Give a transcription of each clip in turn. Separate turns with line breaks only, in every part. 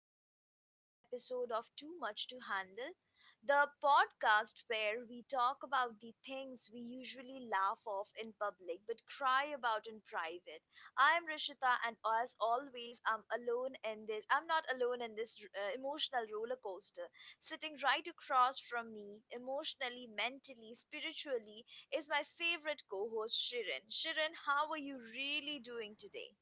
back to another episode of Too Much to Handle, the podcast where we talk about the things we usually laugh off in public but cry about in private. I'm Rishita, and as always, I'm alone in this. I'm not alone in this emotional roller coaster. Sitting right across from me, emotionally, mentally, spiritually, is my favorite co host, Shirin. Shirin, how are you really doing today?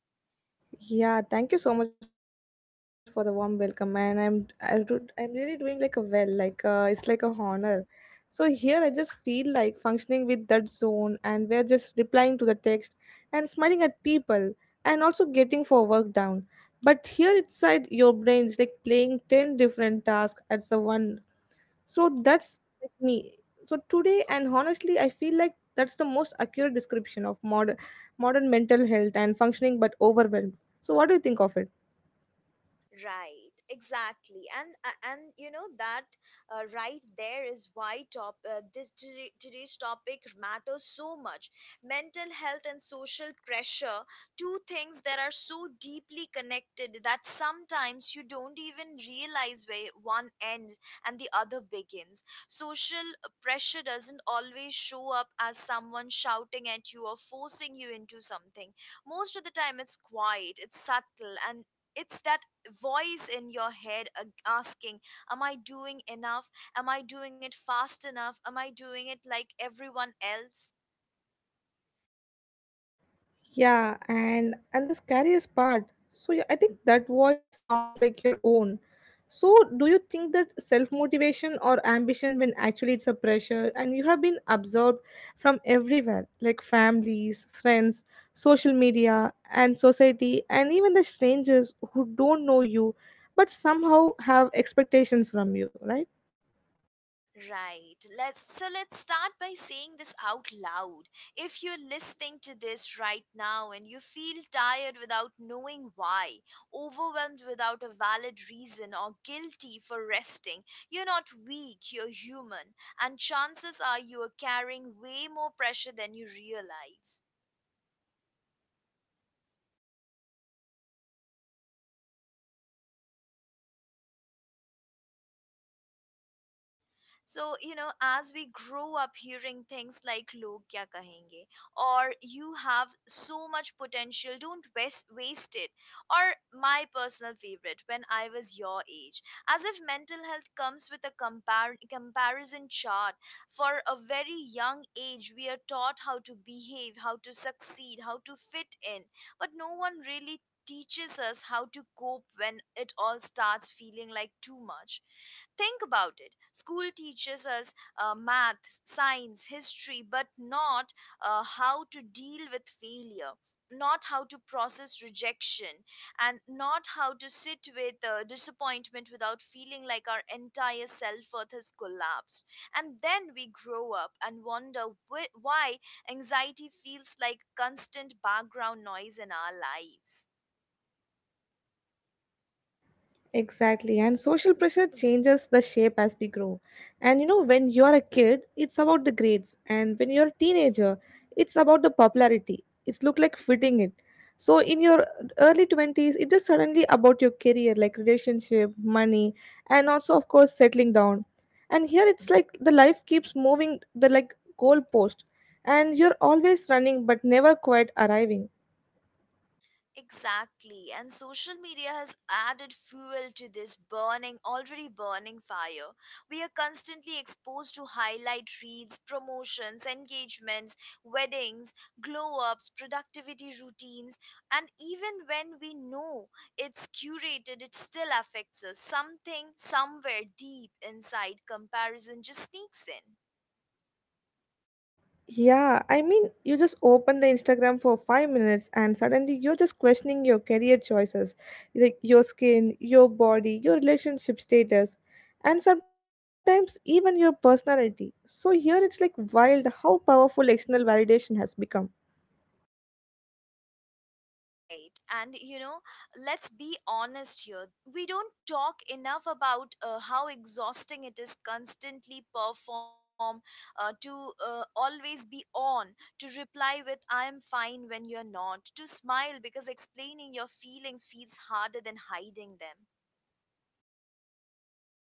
Yeah, thank you so much for the warm welcome, and I'm really doing like a well, like it's like a honor. So here I just feel like functioning with that zone, and we're just replying to the text, and smiling at people, and also getting for work down. But here inside your brain is like playing ten different tasks at the one. So that's like me. So today, and honestly, I feel like that's the most accurate description of modern mental health and functioning, but overwhelmed. So what do you think of it?
Right, exactly, and you know that right there is why today's topic matters so much. Mental health and social pressure, two things that are so deeply connected that sometimes you don't even realize where one ends and the other begins. Social pressure doesn't always show up as someone shouting at you or forcing you into something. Most of the time, it's quiet, it's subtle, and it's that voice in your head asking, am I doing enough? Am I doing it fast enough? Am I doing it like everyone else?
Yeah, and the scariest part. So yeah, I think that voice sounds like your own. So do you think that self-motivation or ambition when actually it's a pressure and you have been absorbed from everywhere like families, friends, social media and society and even the strangers who don't know you but somehow have expectations from you, right?
Right. Let's start by saying this out loud. If you're listening to this right now and you feel tired without knowing why, overwhelmed without a valid reason, or guilty for resting, you're not weak, you're human, and chances are you are carrying way more pressure than you realize. So, you know, as we grow up hearing things like log kya kahenge, or you have so much potential, don't waste it, or my personal favorite, when I was your age, as if mental health comes with a comparison chart. For a very young age, we are taught how to behave, how to succeed, how to fit in, but no one really teaches us how to cope when it all starts feeling like too much. Think about it. School teaches us math, science, history, but not how to deal with failure, not how to process rejection, and not how to sit with disappointment without feeling like our entire self worth has collapsed. And then we grow up and wonder why anxiety feels like constant background noise in our lives.
Exactly, and social pressure changes the shape as we grow. And you know, when you're a kid, it's about the grades, and when you're a teenager, it's about the popularity. It's look like fitting it. So in your early 20s, it's just suddenly about your career, like relationship, money, and also of course settling down. And here it's like the life keeps moving the like goalpost, and you're always running but never quite arriving.
Exactly, and social media has added fuel to this already burning fire. We are constantly exposed to highlight reels, promotions, engagements, weddings, glow ups, productivity routines, and even when we know it's curated, it still affects us. Something somewhere deep inside, comparison just sneaks in.
Yeah, I mean, you just open the Instagram for 5 minutes and suddenly you're just questioning your career choices, like your skin, your body, your relationship status, and sometimes even your personality. So, here it's like wild how powerful external validation has become.
Right. And you know, let's be honest here. We don't talk enough about how exhausting it is constantly perform, to always be on, to reply with I am fine when you're not, to smile because explaining your feelings feels harder than hiding them.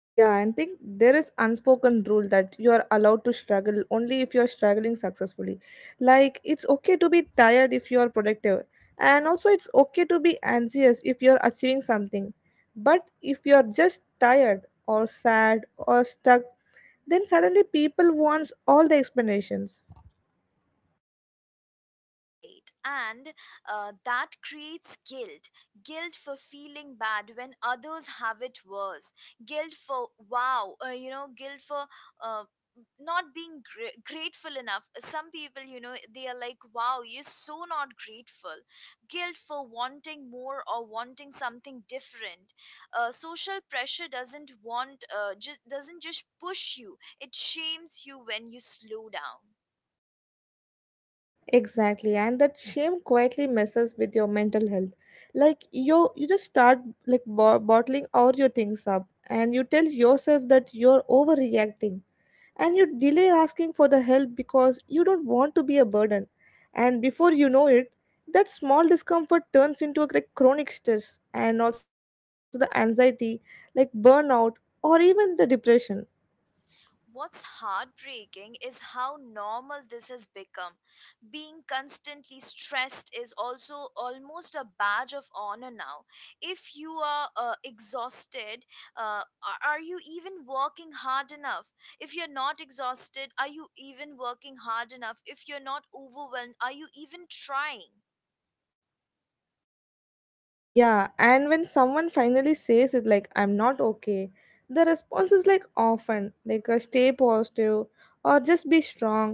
Yeah, and think there is unspoken rule that you are allowed to struggle only if you are struggling successfully. Like it's okay to be tired if you are productive, and also it's okay to be anxious if you are achieving something. But if you are just tired or sad or stuck, then suddenly people wants all the explanations.
Right. And That creates guilt. Guilt for feeling bad when others have it worse. Guilt for, wow, guilt for uh, not being grateful enough. Some people, you know, they are like, wow, you're so not grateful. Guilt for wanting more or wanting something different. Social pressure doesn't just push you, it shames you when you slow down.
Exactly, and that shame quietly messes with your mental health. Like you just start like bottling all your things up, and you tell yourself that you're overreacting, and you delay asking for the help because you don't want to be a burden. And before you know it, that small discomfort turns into a like chronic stress, and also the anxiety, like burnout, or even the depression.
What's heartbreaking is how normal this has become. Being constantly stressed is also almost a badge of honor now. If you are exhausted, are you even working hard enough? If you're not exhausted, are you even working hard enough? If you're not overwhelmed, are you even trying?
Yeah, and when someone finally says it, like, I'm not okay, the response is like often, like, a stay positive or just be strong.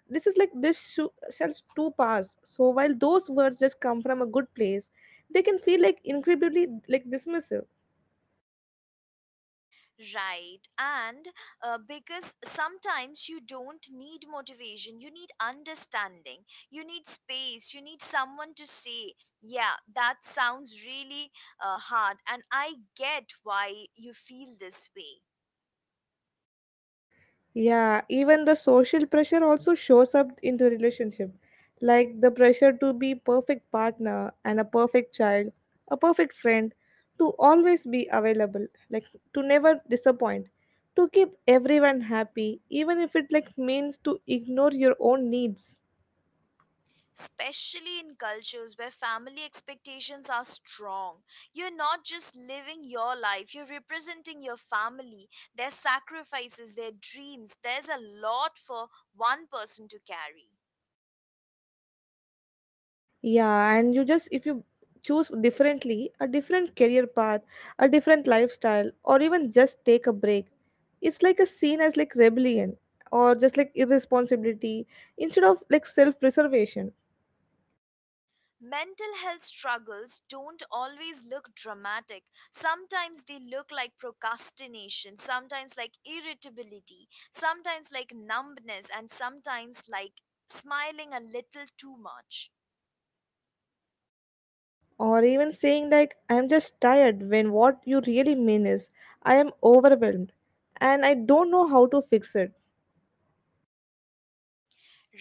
This is like, this shall too pass. So, while those words just come from a good place, they can feel like incredibly like dismissive.
Right. And Because sometimes you don't need motivation, you need understanding, you need space, you need someone to say, yeah, that sounds really hard. And I get why you feel this way.
Yeah, even the social pressure also shows up in the relationship, like the pressure to be perfect partner and a perfect child, a perfect friend, to always be available, like to never disappoint, to keep everyone happy, even if it like means to ignore your own needs.
Especially in cultures where family expectations are strong. You're not just living your life, you're representing your family, their sacrifices, their dreams. There's a lot for one person to carry.
Yeah, and you just if you choose differently, a different career path, a different lifestyle, or even just take a break, it's like a seen as like rebellion or just like irresponsibility instead of like self-preservation
Mental health struggles don't always look dramatic. Sometimes they look like procrastination, sometimes like irritability, sometimes like numbness, and sometimes like smiling a little too much.
or even saying like I'm just tired when what you really mean is I am overwhelmed and I don't know how to fix it.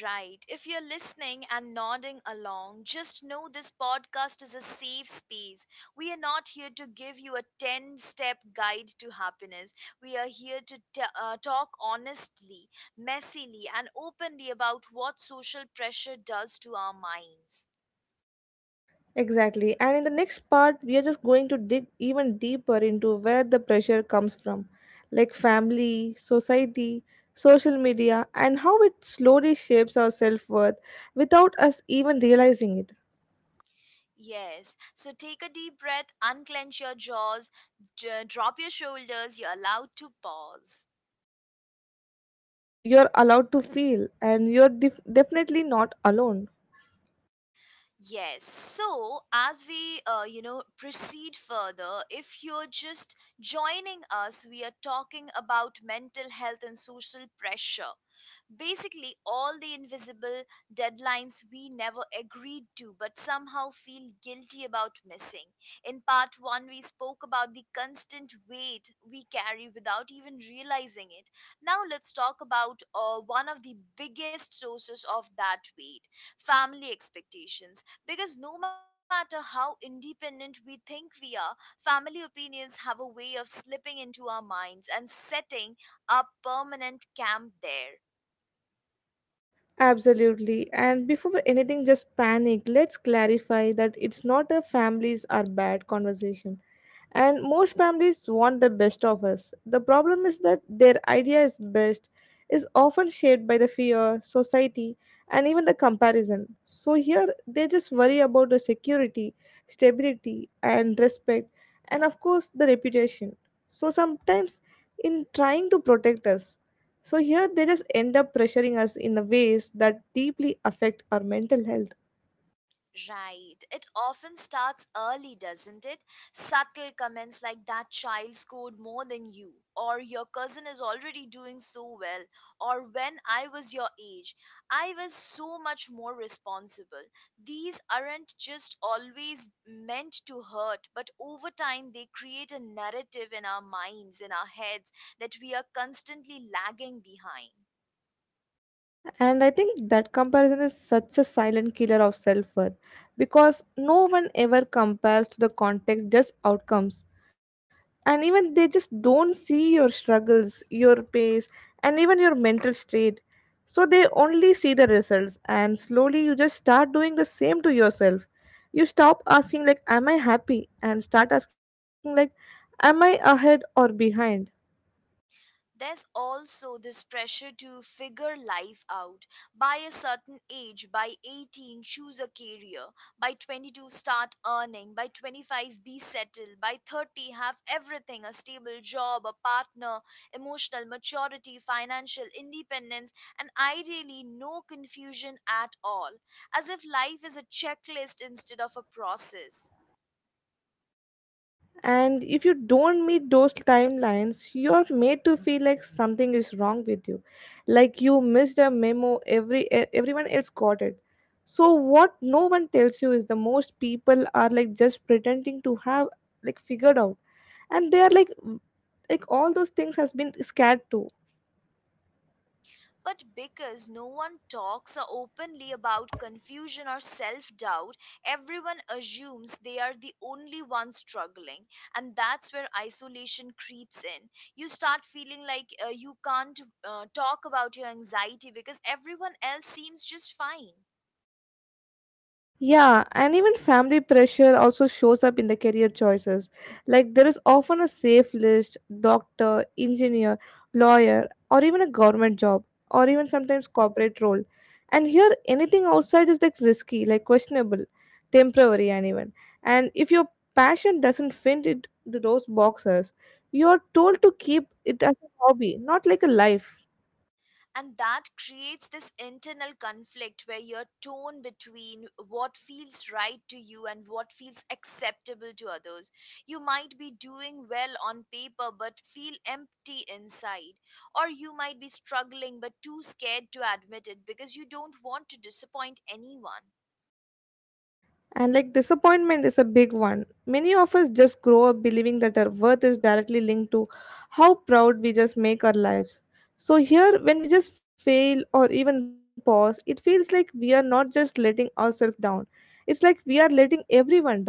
Right. If you're listening and nodding along, just know this podcast is a safe space. We are not here to give you a 10 step guide to happiness. We are here to talk honestly, messily, and openly about what social pressure does to our minds.
Exactly. And in the next part, we are just going to dig even deeper into where the pressure comes from, like family, society, social media, and how it slowly shapes our self worth without us even realizing it.
Yes. So take a deep breath, unclench your jaws, drop your shoulders. You're allowed to pause.
And you're allowed to feel, and you're definitely not alone.
Yes. So, as we, proceed further, if you're just joining us, we are talking about mental health and social pressure. Basically, all the invisible deadlines we never agreed to but somehow feel guilty about missing. In part one, we spoke about the constant weight we carry without even realizing it. Now, let's talk about one of the biggest sources of that weight: family expectations. Because no matter how independent we think we are, family opinions have a way of slipping into our minds and setting up permanent camp there.
Absolutely. And before anything just panic, let's clarify that it's not a families are bad conversation. And most families want the best of us. The problem is that their idea is best is often shaped by the fear, society, and even the comparison. So here they just worry about the security, stability, and respect, and of course the reputation. So sometimes in trying to protect us so here they just end up pressuring us in the ways that deeply affect our mental health.
Right. It often starts early, doesn't it? Subtle comments like that child scored more than you, or your cousin is already doing so well, or when I was your age, I was so much more responsible. These aren't just always meant to hurt, but over time they create a narrative in our minds, in our heads, that we are constantly lagging behind.
And I think that comparison is such a silent killer of self worth because no one ever compares to the context, just outcomes. And even they just don't see your struggles, your pace, and even your mental state. So they only see the results, and slowly you just start doing the same to yourself. You stop asking, like, am I happy? And start asking, like, am I ahead or behind?
There's also this pressure to figure life out by a certain age: by 18, choose a career; by 22, start earning; by 25, be settled; by 30, have everything: a stable job, a partner, emotional maturity, financial independence, and ideally no confusion at all, as if life is a checklist instead of a process.
And if you don't meet those timelines, you're made to feel like something is wrong with you, like you missed a memo every everyone else got it. So what no one tells you is the most people are like just pretending to have like figured out and they are like all those things has been scared too.
But because no one talks openly about confusion or self doubt, everyone assumes they are the only ones struggling. And that's where isolation creeps in. You start feeling like you can't talk about your anxiety because everyone else seems just fine.
Yeah, and even family pressure also shows up in the career choices. Like there is often a safe list, doctor, engineer, lawyer, or even a government job, or even sometimes corporate role. And here anything outside is like risky, like questionable, temporary and even. And if your passion doesn't fit into those boxes, you are told to keep it as a hobby, not like a life.
And that creates this internal conflict where your tone between what feels right to you and what feels acceptable to others. You might be doing well on paper but feel empty inside, or you might be struggling but too scared to admit it because you don't want to disappoint anyone.
And like disappointment is a big one. Many of us just grow up believing that our worth is directly linked to how proud we just make our lives. So here, when we just fail or even pause, it feels like we are not just letting ourselves down, it's like we are letting everyone down.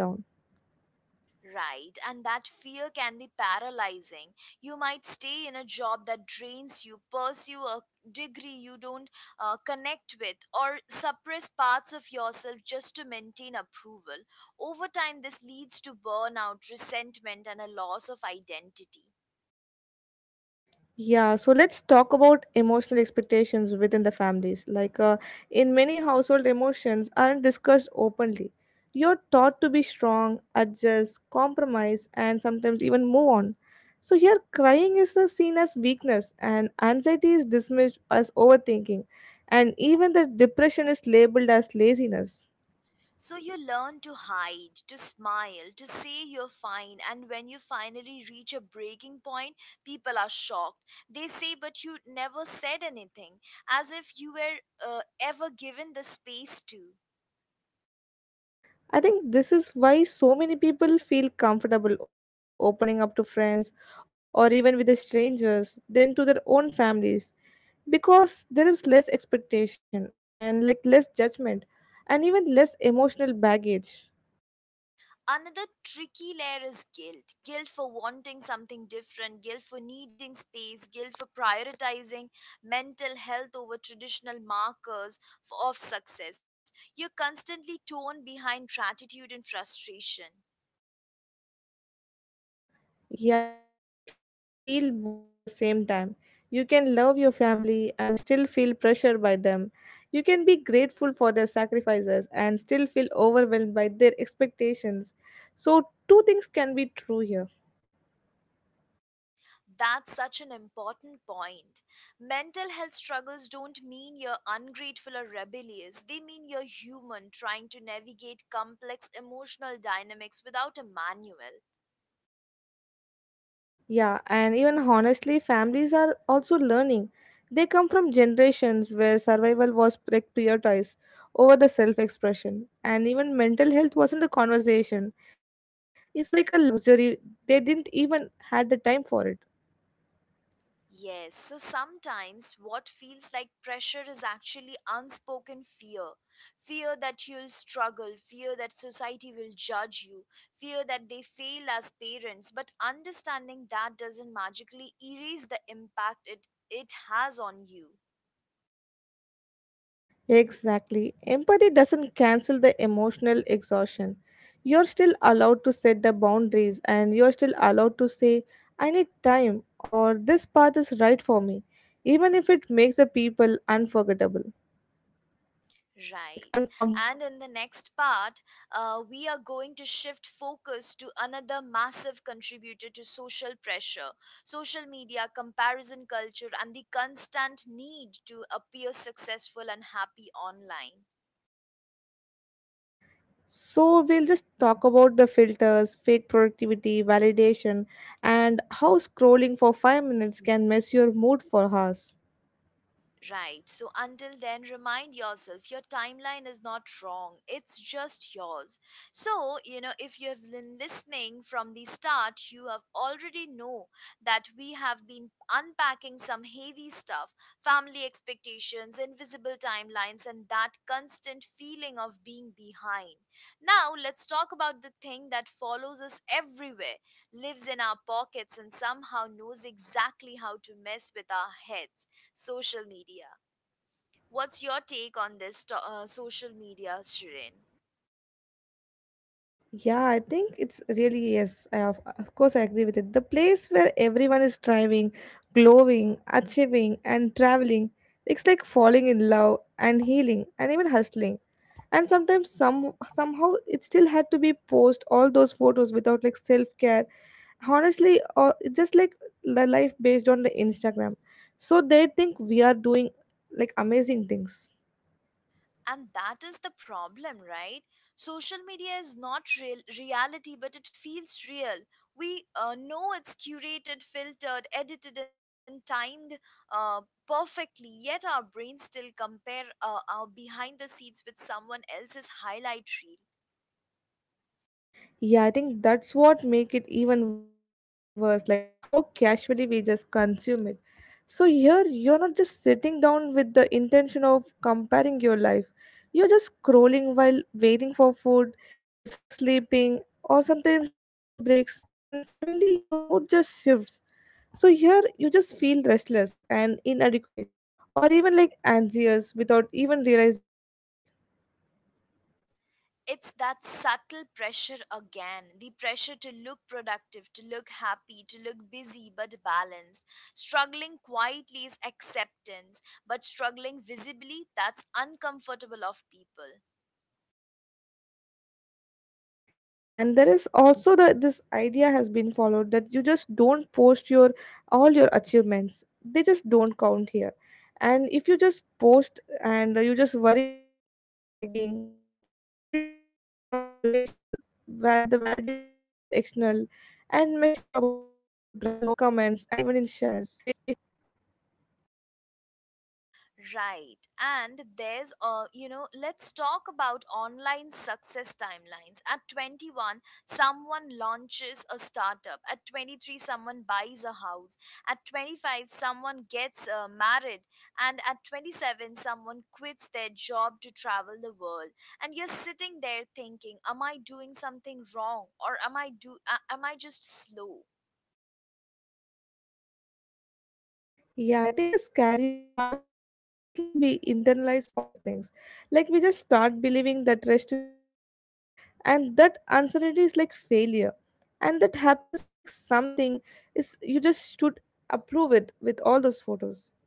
Right, and that fear can be paralyzing. You might stay in a job that drains you, pursue a degree you don't connect with, or suppress parts of yourself just to maintain approval. Over time, this leads to burnout, resentment, and a loss of identity.
Yeah, so let's talk about emotional expectations within the families. Like in many household emotions aren't discussed openly. You're taught to be strong, adjust, compromise, and sometimes even move on. So here, crying is seen as weakness, and anxiety is dismissed as overthinking, and even the depression is labeled as laziness.
So you learn to hide, to smile, to say you're fine, and when you finally reach a breaking point, people are shocked. They say, but you never said anything, as if you were ever given the space to.
I think this is why so many people feel comfortable opening up to friends or even with the strangers than to their own families because there is less expectation and like less judgment and even less emotional baggage.
Another tricky layer is guilt: guilt for wanting something different, guilt for needing space, guilt for prioritizing mental health over traditional markers of success. You're constantly torn behind gratitude and frustration.
Yeah, and you can feel both at the same time. You can love your family and still feel pressured by them. You can be grateful for their sacrifices and still feel overwhelmed by their expectations. So, two things can be true here.
That's such an important point. Mental health struggles don't mean you're ungrateful or rebellious. They mean you're human trying to navigate complex emotional dynamics without a manual.
Yeah, and even honestly, families are also learning. They come from generations where survival was prioritized over the self expression, and even mental health wasn't a conversation. It's like a luxury. They didn't even had the time for it.
Yes, so sometimes what feels like pressure is actually unspoken fear. Fear that you'll struggle, fear that society will judge you, fear that they fail as parents. But understanding that doesn't magically erase the impact it has on you.
Exactly. Empathy doesn't cancel the emotional exhaustion. You're still allowed to set the boundaries, and you're still allowed to say, I need time, or this path is right for me, even if it makes the people unforgettable. Like uncomfortable.
Right. And in the next part, we are going to shift focus to another massive contributor to social pressure: social media, comparison culture, and the constant need to appear successful and happy online.
So we'll just talk about the filters fake productivity validation and how scrolling for 5 minutes can mess your mood for hours.
Right. So until then, remind yourself your timeline is not wrong. It's just yours. So, you know, if you have been listening from the start, you have already know that we have been unpacking some heavy stuff: family expectations, invisible timelines, and that constant feeling of being behind. Now, let's talk about the thing that follows us everywhere, lives in our pockets, and somehow knows exactly how to mess with our heads: social media. What's your take on this social media, Shirin?
Yeah, I think it's really yes, I of course I agree with it the place where everyone is striving glowing achieving and traveling. It's like falling in love and healing and even hustling and sometimes somehow it still had to be post all those photos without like self-care honestly or it's just like the life based on the Instagram so they think we are doing like amazing things.
And that is the problem, right? Social media is not real reality, but it feels real. We know it's curated, filtered, edited, and timed uh, perfectly. Yet our brains still compare our behind the scenes with someone else's highlight reel.
Yeah, I think that's what make it even worse, like how casually we just consume it. So here you're not just sitting down with the intention of comparing your life. You're just scrolling while waiting for food, before sleeping, or sometimes during the breaks and suddenly your mood just shifts. So here you just feel restless and inadequate or even like anxious without even realizing why.
It's that subtle pressure again, the pressure to look productive, to look happy, to look busy but balanced. Struggling quietly is acceptance, but struggling visibly, that's uncomfortable of people.
Yeah, and there is also the this idea has been followed that you just don't post your all your achievements. They just don't count here. And if you just post and you just worry about the bragging, like it's a loss of situation where the validation becomes external and measured in likes, comments, and even in shares.
Right. And there's You know, let's talk about online success timelines. At 21, someone launches a startup. At 23, someone buys a house. At 25, someone gets married. And at 27, someone quits their job to travel the world. And you're sitting there thinking, am I doing something wrong, or am I just slow?
Yeah, I think the scariest part is how quickly we internalize all these things. Like we just start believing that rest is laziness and that uncertainty is like failure and that happiness is like something is you just should approve it with all those photos.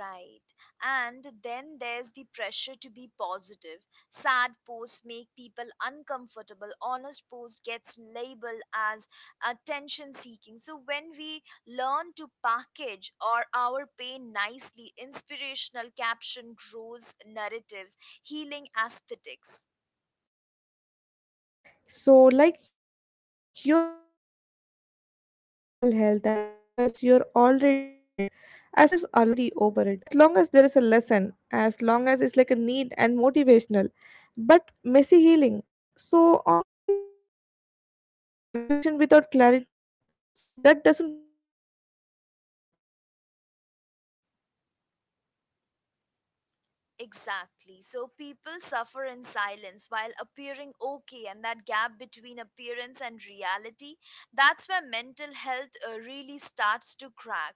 Right. And then there's the pressure to be positive. Sad posts make people uncomfortable. Honest post gets labeled as attention seeking. So when we learn to package or our pain nicely, inspirational caption grows narratives, healing aesthetics.
So, like, you're just allowed to talk about mental health as long as you're already over it, as long as there is a lesson, as long as it's like a need and motivational, but messy healing. So, ongoing anxiety or like confusion without clarity. So, that doesn't perform well in online.
Exactly. So people suffer in silence while appearing okay, and that gap between appearance and reality, that's where mental health really starts to crack,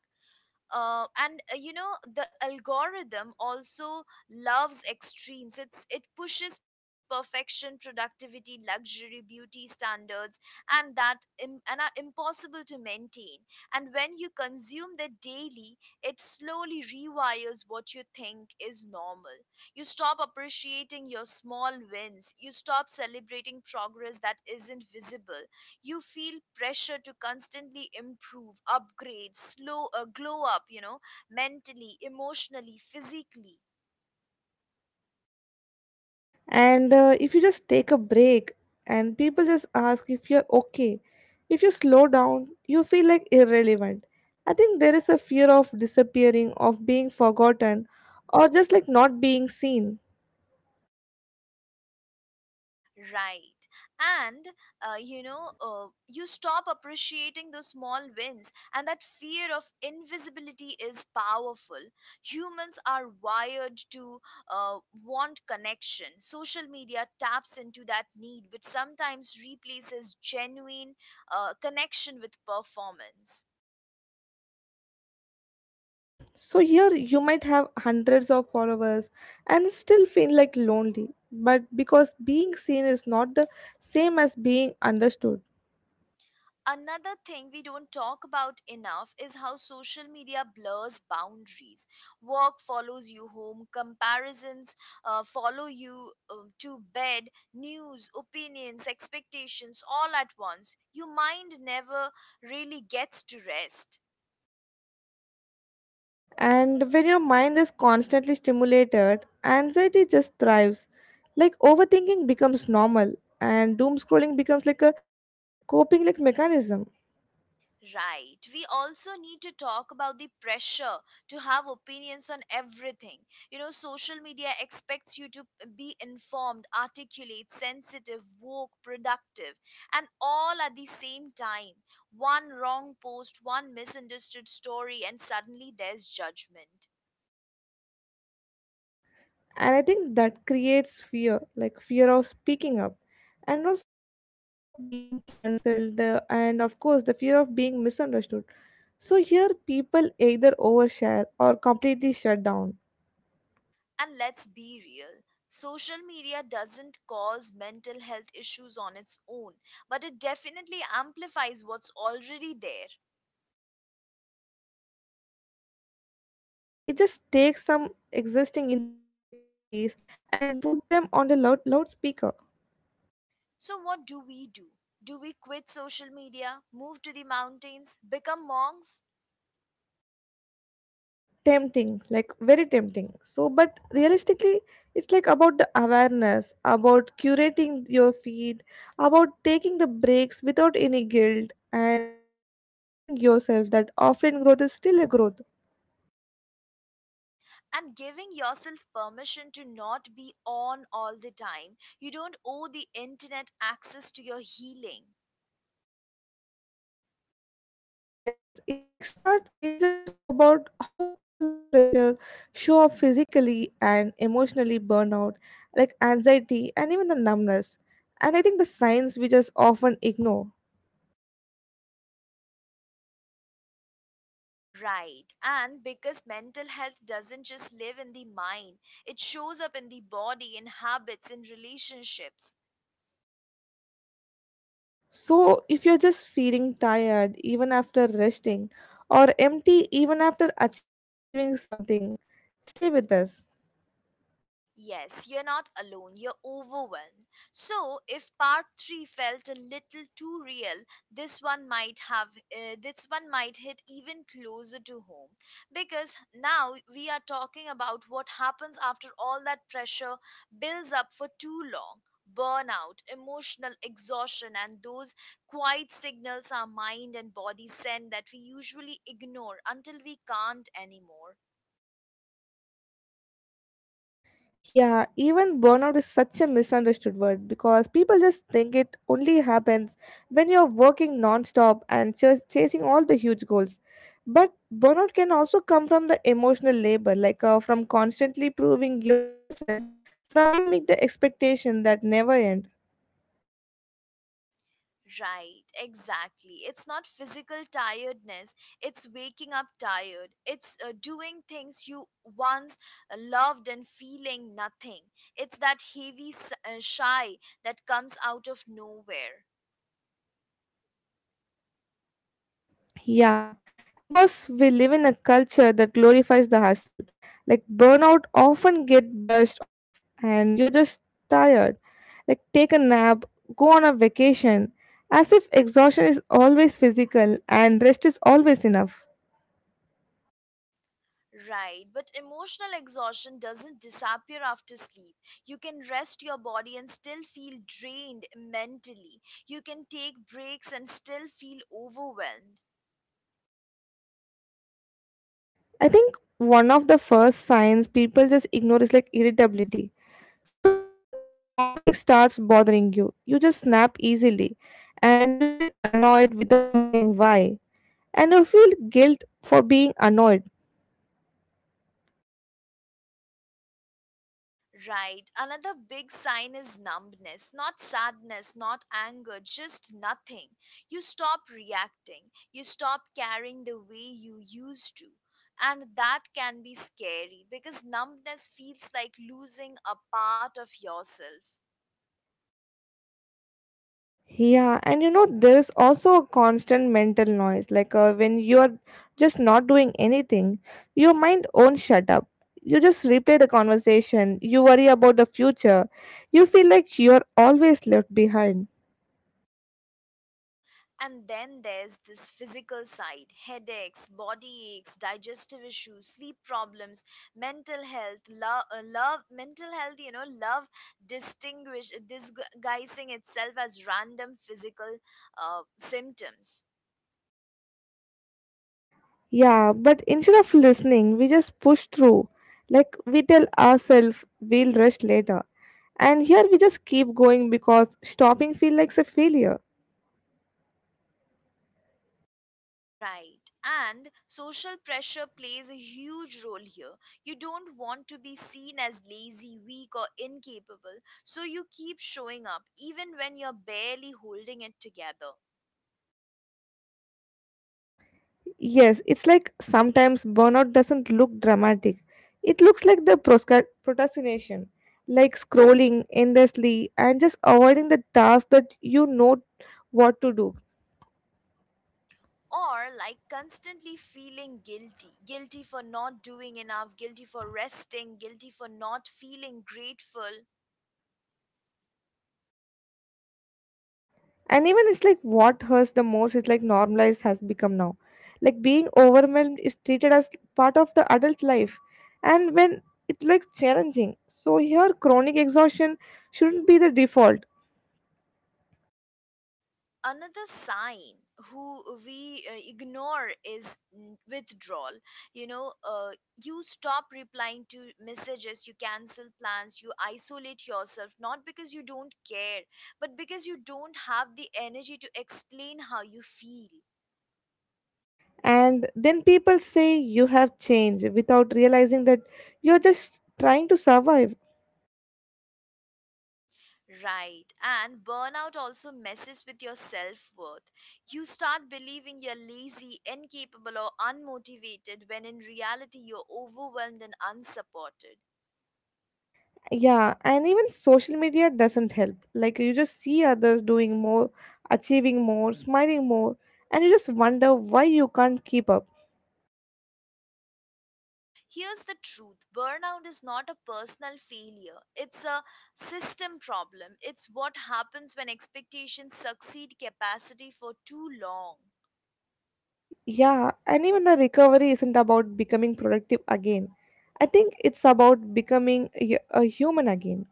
and the algorithm also loves extremes. It pushes perfection, productivity, luxury, beauty standards, and that Im- and are impossible to maintain. And when you consume that daily, it slowly rewires what you think is normal. You stop appreciating your small wins, you stop celebrating progress that isn't visible, you feel pressure to constantly improve, upgrade, slow, glow up, mentally, emotionally, physically.
And if you just take a break and people just ask if you're okay, if you slow down, you feel like irrelevant. I think there is a fear of disappearing, of being forgotten, or just like not being seen.
Right. And you stop appreciating those small wins, and that fear of invisibility is powerful. Humans are wired to uh, want connection. Social media taps into that need, which sometimes replaces genuine connection with performance.
So here you might have hundreds of followers and still feel like lonely. But because being seen is not the same as being understood.
Another thing we don't talk about enough is how social media blurs boundaries. Work follows you home, comparisons follow you to bed, news, opinions, expectations, all at once. Your mind never really gets to rest.
And when your mind is constantly stimulated, anxiety just thrives. Like overthinking becomes normal and doom scrolling becomes like a coping like mechanism.
Right. We also need to talk about the pressure to have opinions on everything. You know, social media expects you to be informed, articulate, sensitive, woke, productive, and all at the same time. One wrong post, one misunderstood story, and suddenly there's judgment.
And I think that creates fear, like fear of speaking up and also fear of being cancelled and of course the fear of being misunderstood. So here people either overshare or completely shut down.
And let's be real. Social media doesn't cause mental health issues on its own, but it definitely amplifies what's already there.
Yeah, it just takes some existing insecurities and put them on the loudspeaker.
So, what do we do? Do we quit social media, move to the mountains, become monks?
Tempting, like very tempting, so but realistically it's like about the awareness, about curating your feed, about taking the breaks without any guilt, and about just reminding yourself that offline growth is still a growth.
And giving yourself permission to not be on all the time. You don't owe the internet access to your healing.
Yes, in the next part we'll just talk about how all this pressure show up physically and emotionally, burnout like anxiety and even the numbness, and I think the signs we just often ignore.
Right. And because mental health doesn't just live in the mind, it shows up in the body, in habits, in relationships.
So, if you're just feeling tired even after resting, or empty even after achieving something, stay with us.
Yes, you're not alone, you're overwhelmed. So, if part 3 felt a little too real, this one might have, this one might hit even closer to home, because now we are talking about what happens after all that pressure builds up for too long. Burnout, emotional exhaustion, and those quiet signals our mind and body send that we usually ignore until we can't anymore.
Yeah, even burnout is such a misunderstood word because people just think it only happens when you're working non stop and just chasing all the huge goals. But burnout can also come from the emotional labor, like from constantly proving yourself, from trying to meet the expectation that never end.
Right, exactly. It's not physical tiredness, it's waking up tired. It's doing things you once loved and feeling nothing. It's that heavy shy that comes out of nowhere.
Yeah, and because we live in a culture that glorifies the hustle, like burnout often get brushed off and you're just tired. Like take a nap, go on a vacation, as if exhaustion is always physical and rest is always enough.
Right, but emotional exhaustion doesn't disappear after sleep. You can rest your body and still feel drained mentally. You can take breaks and still feel overwhelmed.
I think one of the first signs people just ignore is like irritability. So here small things starts bothering you. You just snap easily and you feel annoyed without knowing why. And you feel guilt for being annoyed.
Right. Another big sign is numbness. Not sadness, not anger, just nothing. You stop reacting. You stop caring the way you used to. And that can be scary because numbness feels like losing a part of yourself.
Yeah, and you know there is also a constant mental noise like when you are just not doing anything, your mind won't shut up. You just replay the conversation, you worry about the future. You feel like you're always left behind.
And then there's this physical side: headaches, body aches, digestive issues, sleep problems, mental health, love, love mental health, you know, love disguising itself as random physical symptoms.
Yeah, but instead of listening, we just push through. Like we tell ourselves we'll rest later. And here we just keep going because stopping feels like a failure.
Right. And social pressure plays a huge role here. You don't want to be seen as lazy, weak, or incapable, so you keep showing up even when you're barely holding it together.
Yes, it's like sometimes burnout doesn't look dramatic. It looks like the procrastination, like scrolling endlessly and just avoiding the task that you know what to do.
Or like constantly feeling guilty, guilty for not doing enough, guilty for resting, guilty for not feeling grateful.
And even it's like what hurts the most is like normalized has become now, like being overwhelmed is treated as part of the adult life, and when it looks challenging, so here chronic exhaustion shouldn't be the default.
Another sign who we ignore is withdrawal. You know, you stop replying to messages, you cancel plans, you isolate yourself, not because you don't care, but because you don't have the energy to explain how you feel.
And then people say you have changed without realizing that you're just trying to survive.
Right. And burnout also messes with your self worth. You start believing you're lazy, incapable, or unmotivated, when in reality you're overwhelmed and unsupported.
Yeah, and even social media doesn't help, like you just see others doing more, achieving more, smiling more, and you just wonder why you can't keep up.
Here's the truth: burnout is not a personal failure, it's a system problem. It's what happens when expectations succeed capacity for too long.
Yeah, and even the recovery isn't about becoming productive again. I think it's about becoming a human again.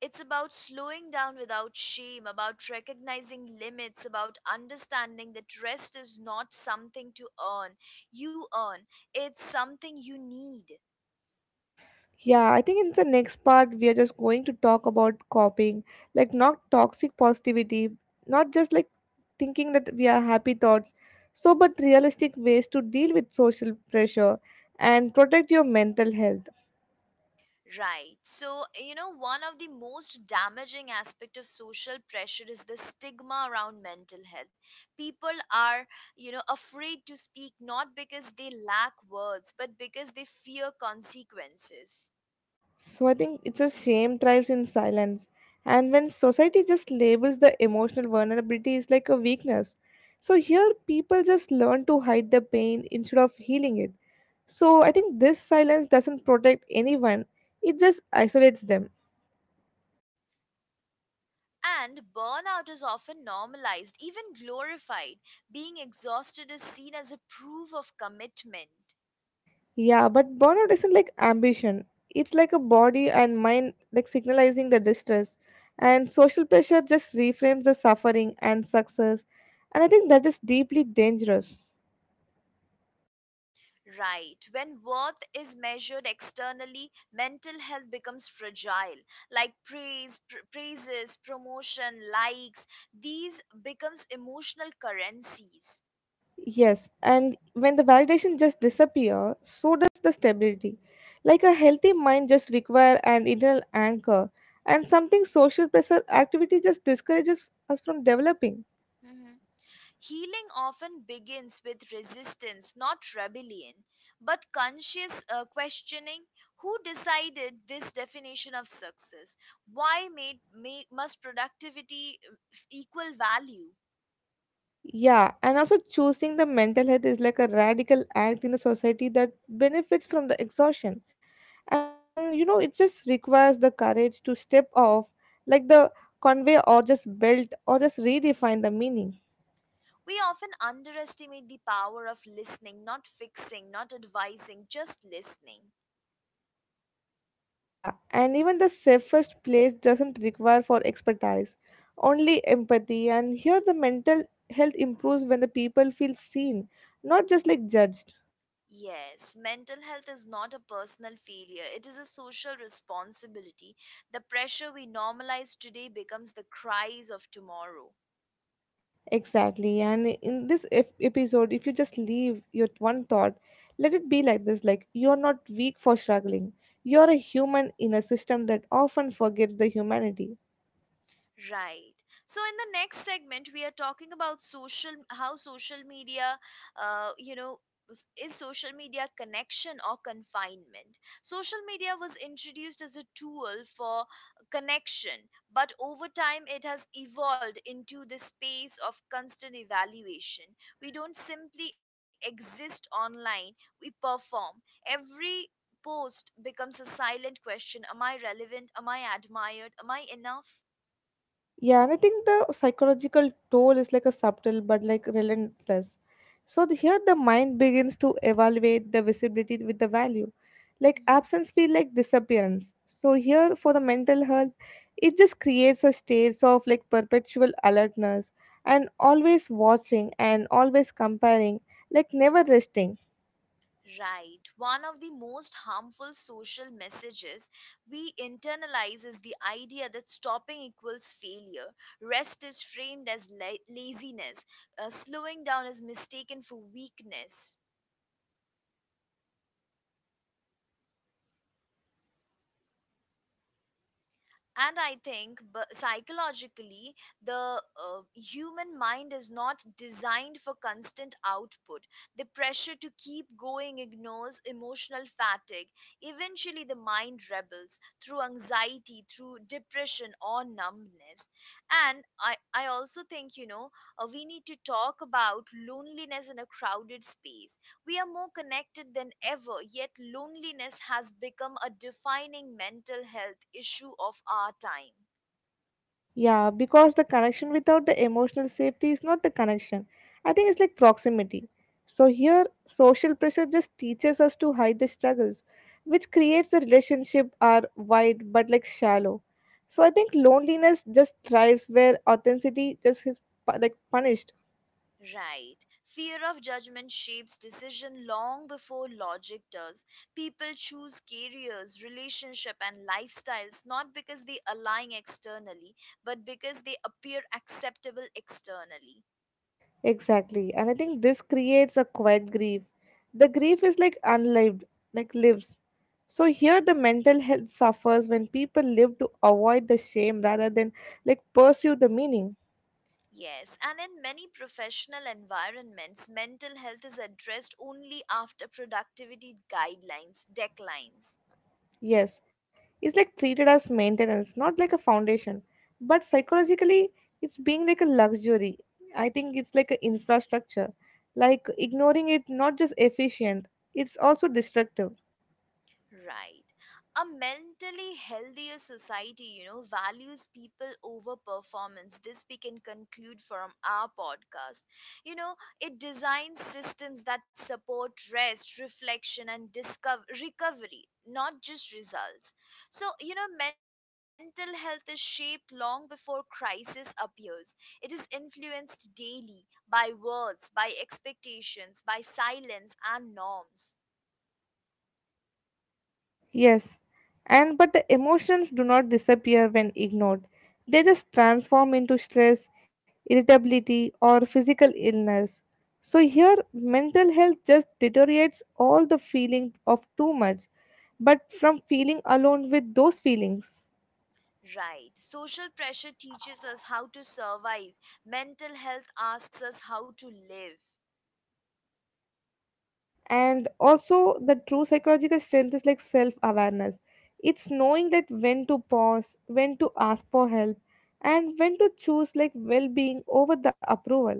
It's about slowing down without shame, about recognizing limits, about understanding that rest is not something to earn. You earn, it's something you need.
Yeah, I think in the next part, we are just going to talk about coping, like not toxic positivity, not just like thinking that we are happy thoughts, so but realistic ways to deal with social pressure and protect your mental health.
Right. So, you know, one of the most damaging aspect of social pressure is the stigma around mental health. People are, you know, afraid to speak, not because they lack words, but because they fear consequences.
So I think it's a shame thrives in silence. And when society just labels the emotional vulnerability is like a weakness. So here people just learn to hide the pain instead of healing it. So I think this silence doesn't protect anyone. It just isolates them.
And burnout is often normalized, even glorified. Being exhausted is seen as a proof of commitment.
Yeah, but burnout isn't like ambition. It's like a body and mind like signalizing the distress. And social pressure just reframes the suffering and success. And I think that is deeply dangerous.
Right. When worth is measured externally, mental health becomes fragile. Like praise, praises, promotion, likes, these becomes emotional currencies.
Yes, and when the validation just disappear, so does the stability. Like a healthy mind just require an internal anchor and something social pressure activity just discourages us from developing.
Healing often begins with resistance, not rebellion, but conscious questioning. Who decided this definition of success? Why must productivity equal value?
Yeah, and also choosing the mental health is like a radical act in a society that benefits from the exhaustion. And you know, it just requires the courage to step off like the convey or just build or just redefine the meaning.
We often underestimate the power of listening, not fixing, not advising, just listening.
Yeah, and even the safest place doesn't require for expertise, only empathy. And here the mental health improves when the people feel seen, not just like judged.
Yes, mental health is not a personal failure. It is a social responsibility. The pressure we normalize today becomes the cries of tomorrow.
Exactly. And in this episode, if you just leave your one thought, let it be like this: like you're not weak for struggling. You're a human in a system that often forgets the humanity.
Right. So in the next segment, we are talking about social, how social media, uh, you know, is social media connection or confinement? Social media was introduced as a tool for connection, but over time it has evolved into the space of constant evaluation. We don't simply exist online, we perform. Every post becomes a silent question: Am I relevant? Am I admired? Am I enough?
Yeah, and I think the psychological toll is like a subtle but like relentless. Here the mind begins to evaluate the visibility with the value. Like absence feel like disappearance. So here for the mental health, it just creates a state of like perpetual alertness and always watching and always comparing, like never resting.
Right. One of the most harmful social messages we internalize is the idea that stopping equals failure. Rest is framed as laziness. Slowing down is mistaken for weakness. And I think psychologically the human mind is not designed for constant output. The pressure to keep going ignores emotional fatigue. Eventually the mind rebels, through anxiety, through depression, or numbness. And I also think, you know, we need to talk about loneliness in a crowded space. We are more connected than ever, yet loneliness has become a defining mental health issue of our time.
Yeah, because the connection without the emotional safety is not the connection. I think it's like proximity. So here, social pressure just teaches us to hide the struggles, which creates the relationship are wide but like shallow. So I think loneliness just thrives where authenticity just is like punished.
Right. Fear of judgment shapes decision long before logic does. People choose careers, relationship and lifestyles, not because they align externally, but because they appear acceptable externally.
Exactly. And I think this creates a quiet grief. The grief is like unlived, like lives. So here the mental health suffers when people live to avoid the shame rather than like pursue the meaning.
Yes, and in many professional environments, mental health is addressed only after productivity guidelines declines.
Yes. It's like treated as maintenance, not like a foundation. But psychologically it's being like a luxury. I think it's like an infrastructure. Like ignoring it not just efficient, it's also destructive.
Right. A mentally healthier society, you know, values people over performance. This we can conclude from our podcast. You know, it designs systems that support rest, reflection, and recovery, not just results. So, you know, mental health is shaped long before crisis appears. It is influenced daily by words, by expectations, by silence, and norms.
Yes, and but the emotions do not disappear when ignored. They just transform into stress, irritability, or physical illness. So here, mental health just deteriorates all the feeling of too much, but from feeling alone with those feelings.
Right. Social pressure teaches us how to survive, mental health asks us how to live.
And also, the true psychological strength is like self awareness. It's knowing that when to pause, when to ask for help, and when to choose like well being over the approval.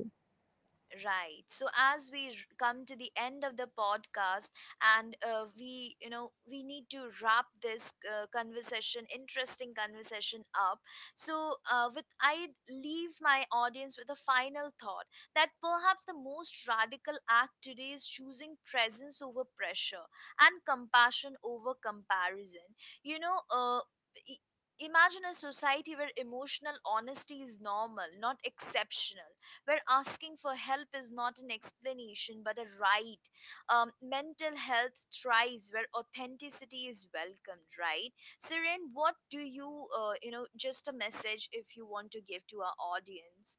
Right. So as we come to the end of the podcast, and we, you know, we need to wrap this conversation, interesting conversation up. So with I leave my audience with a final thought that perhaps the most radical act today is choosing presence over pressure and compassion over comparison. You know. I- Imagine a society where emotional honesty is normal, not exceptional, where asking for help is not an explanation but a right. Mental health thrives where authenticity is welcomed, right? Siren, what do you, you know, just a message if you want to give to our audience?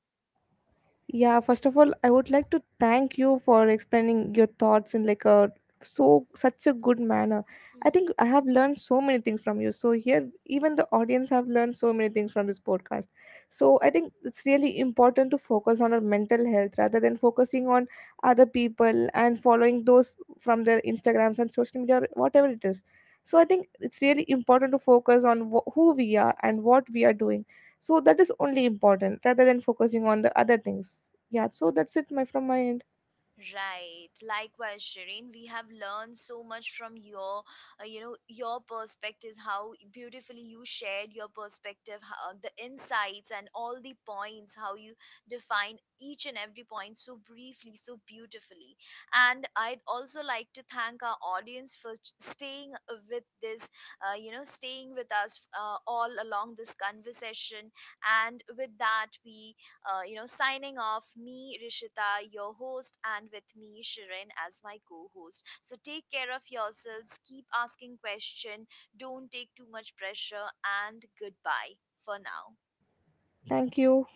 Yeah, first of all, I would like to thank you for explaining your thoughts in like a so such a good manner. I think I have learned so many things from you. So here, even the audience have learned so many things from this podcast. So I think it's really important to focus on our mental health rather than focusing on other people and following those from their Instagrams and social media or whatever it is. So I think it's really important to focus on who we are and what we are doing, so that is only important rather than focusing on the other things. Yeah, so that's it my from my end.
Right. Likewise, Shireen, we have learned so much from your, you know, your perspectives, how beautifully you shared your perspective, how, the insights and all the points, how you define each and every point so briefly, so beautifully. And I'd also like to thank our audience for staying with this, you know, staying with us all along this conversation. And with that, we you know, signing off, me, Rishita, your host, and with me, Shirin, as my co host. So take care of yourselves, keep asking questions, don't take too much pressure, and goodbye for now.
Thank you.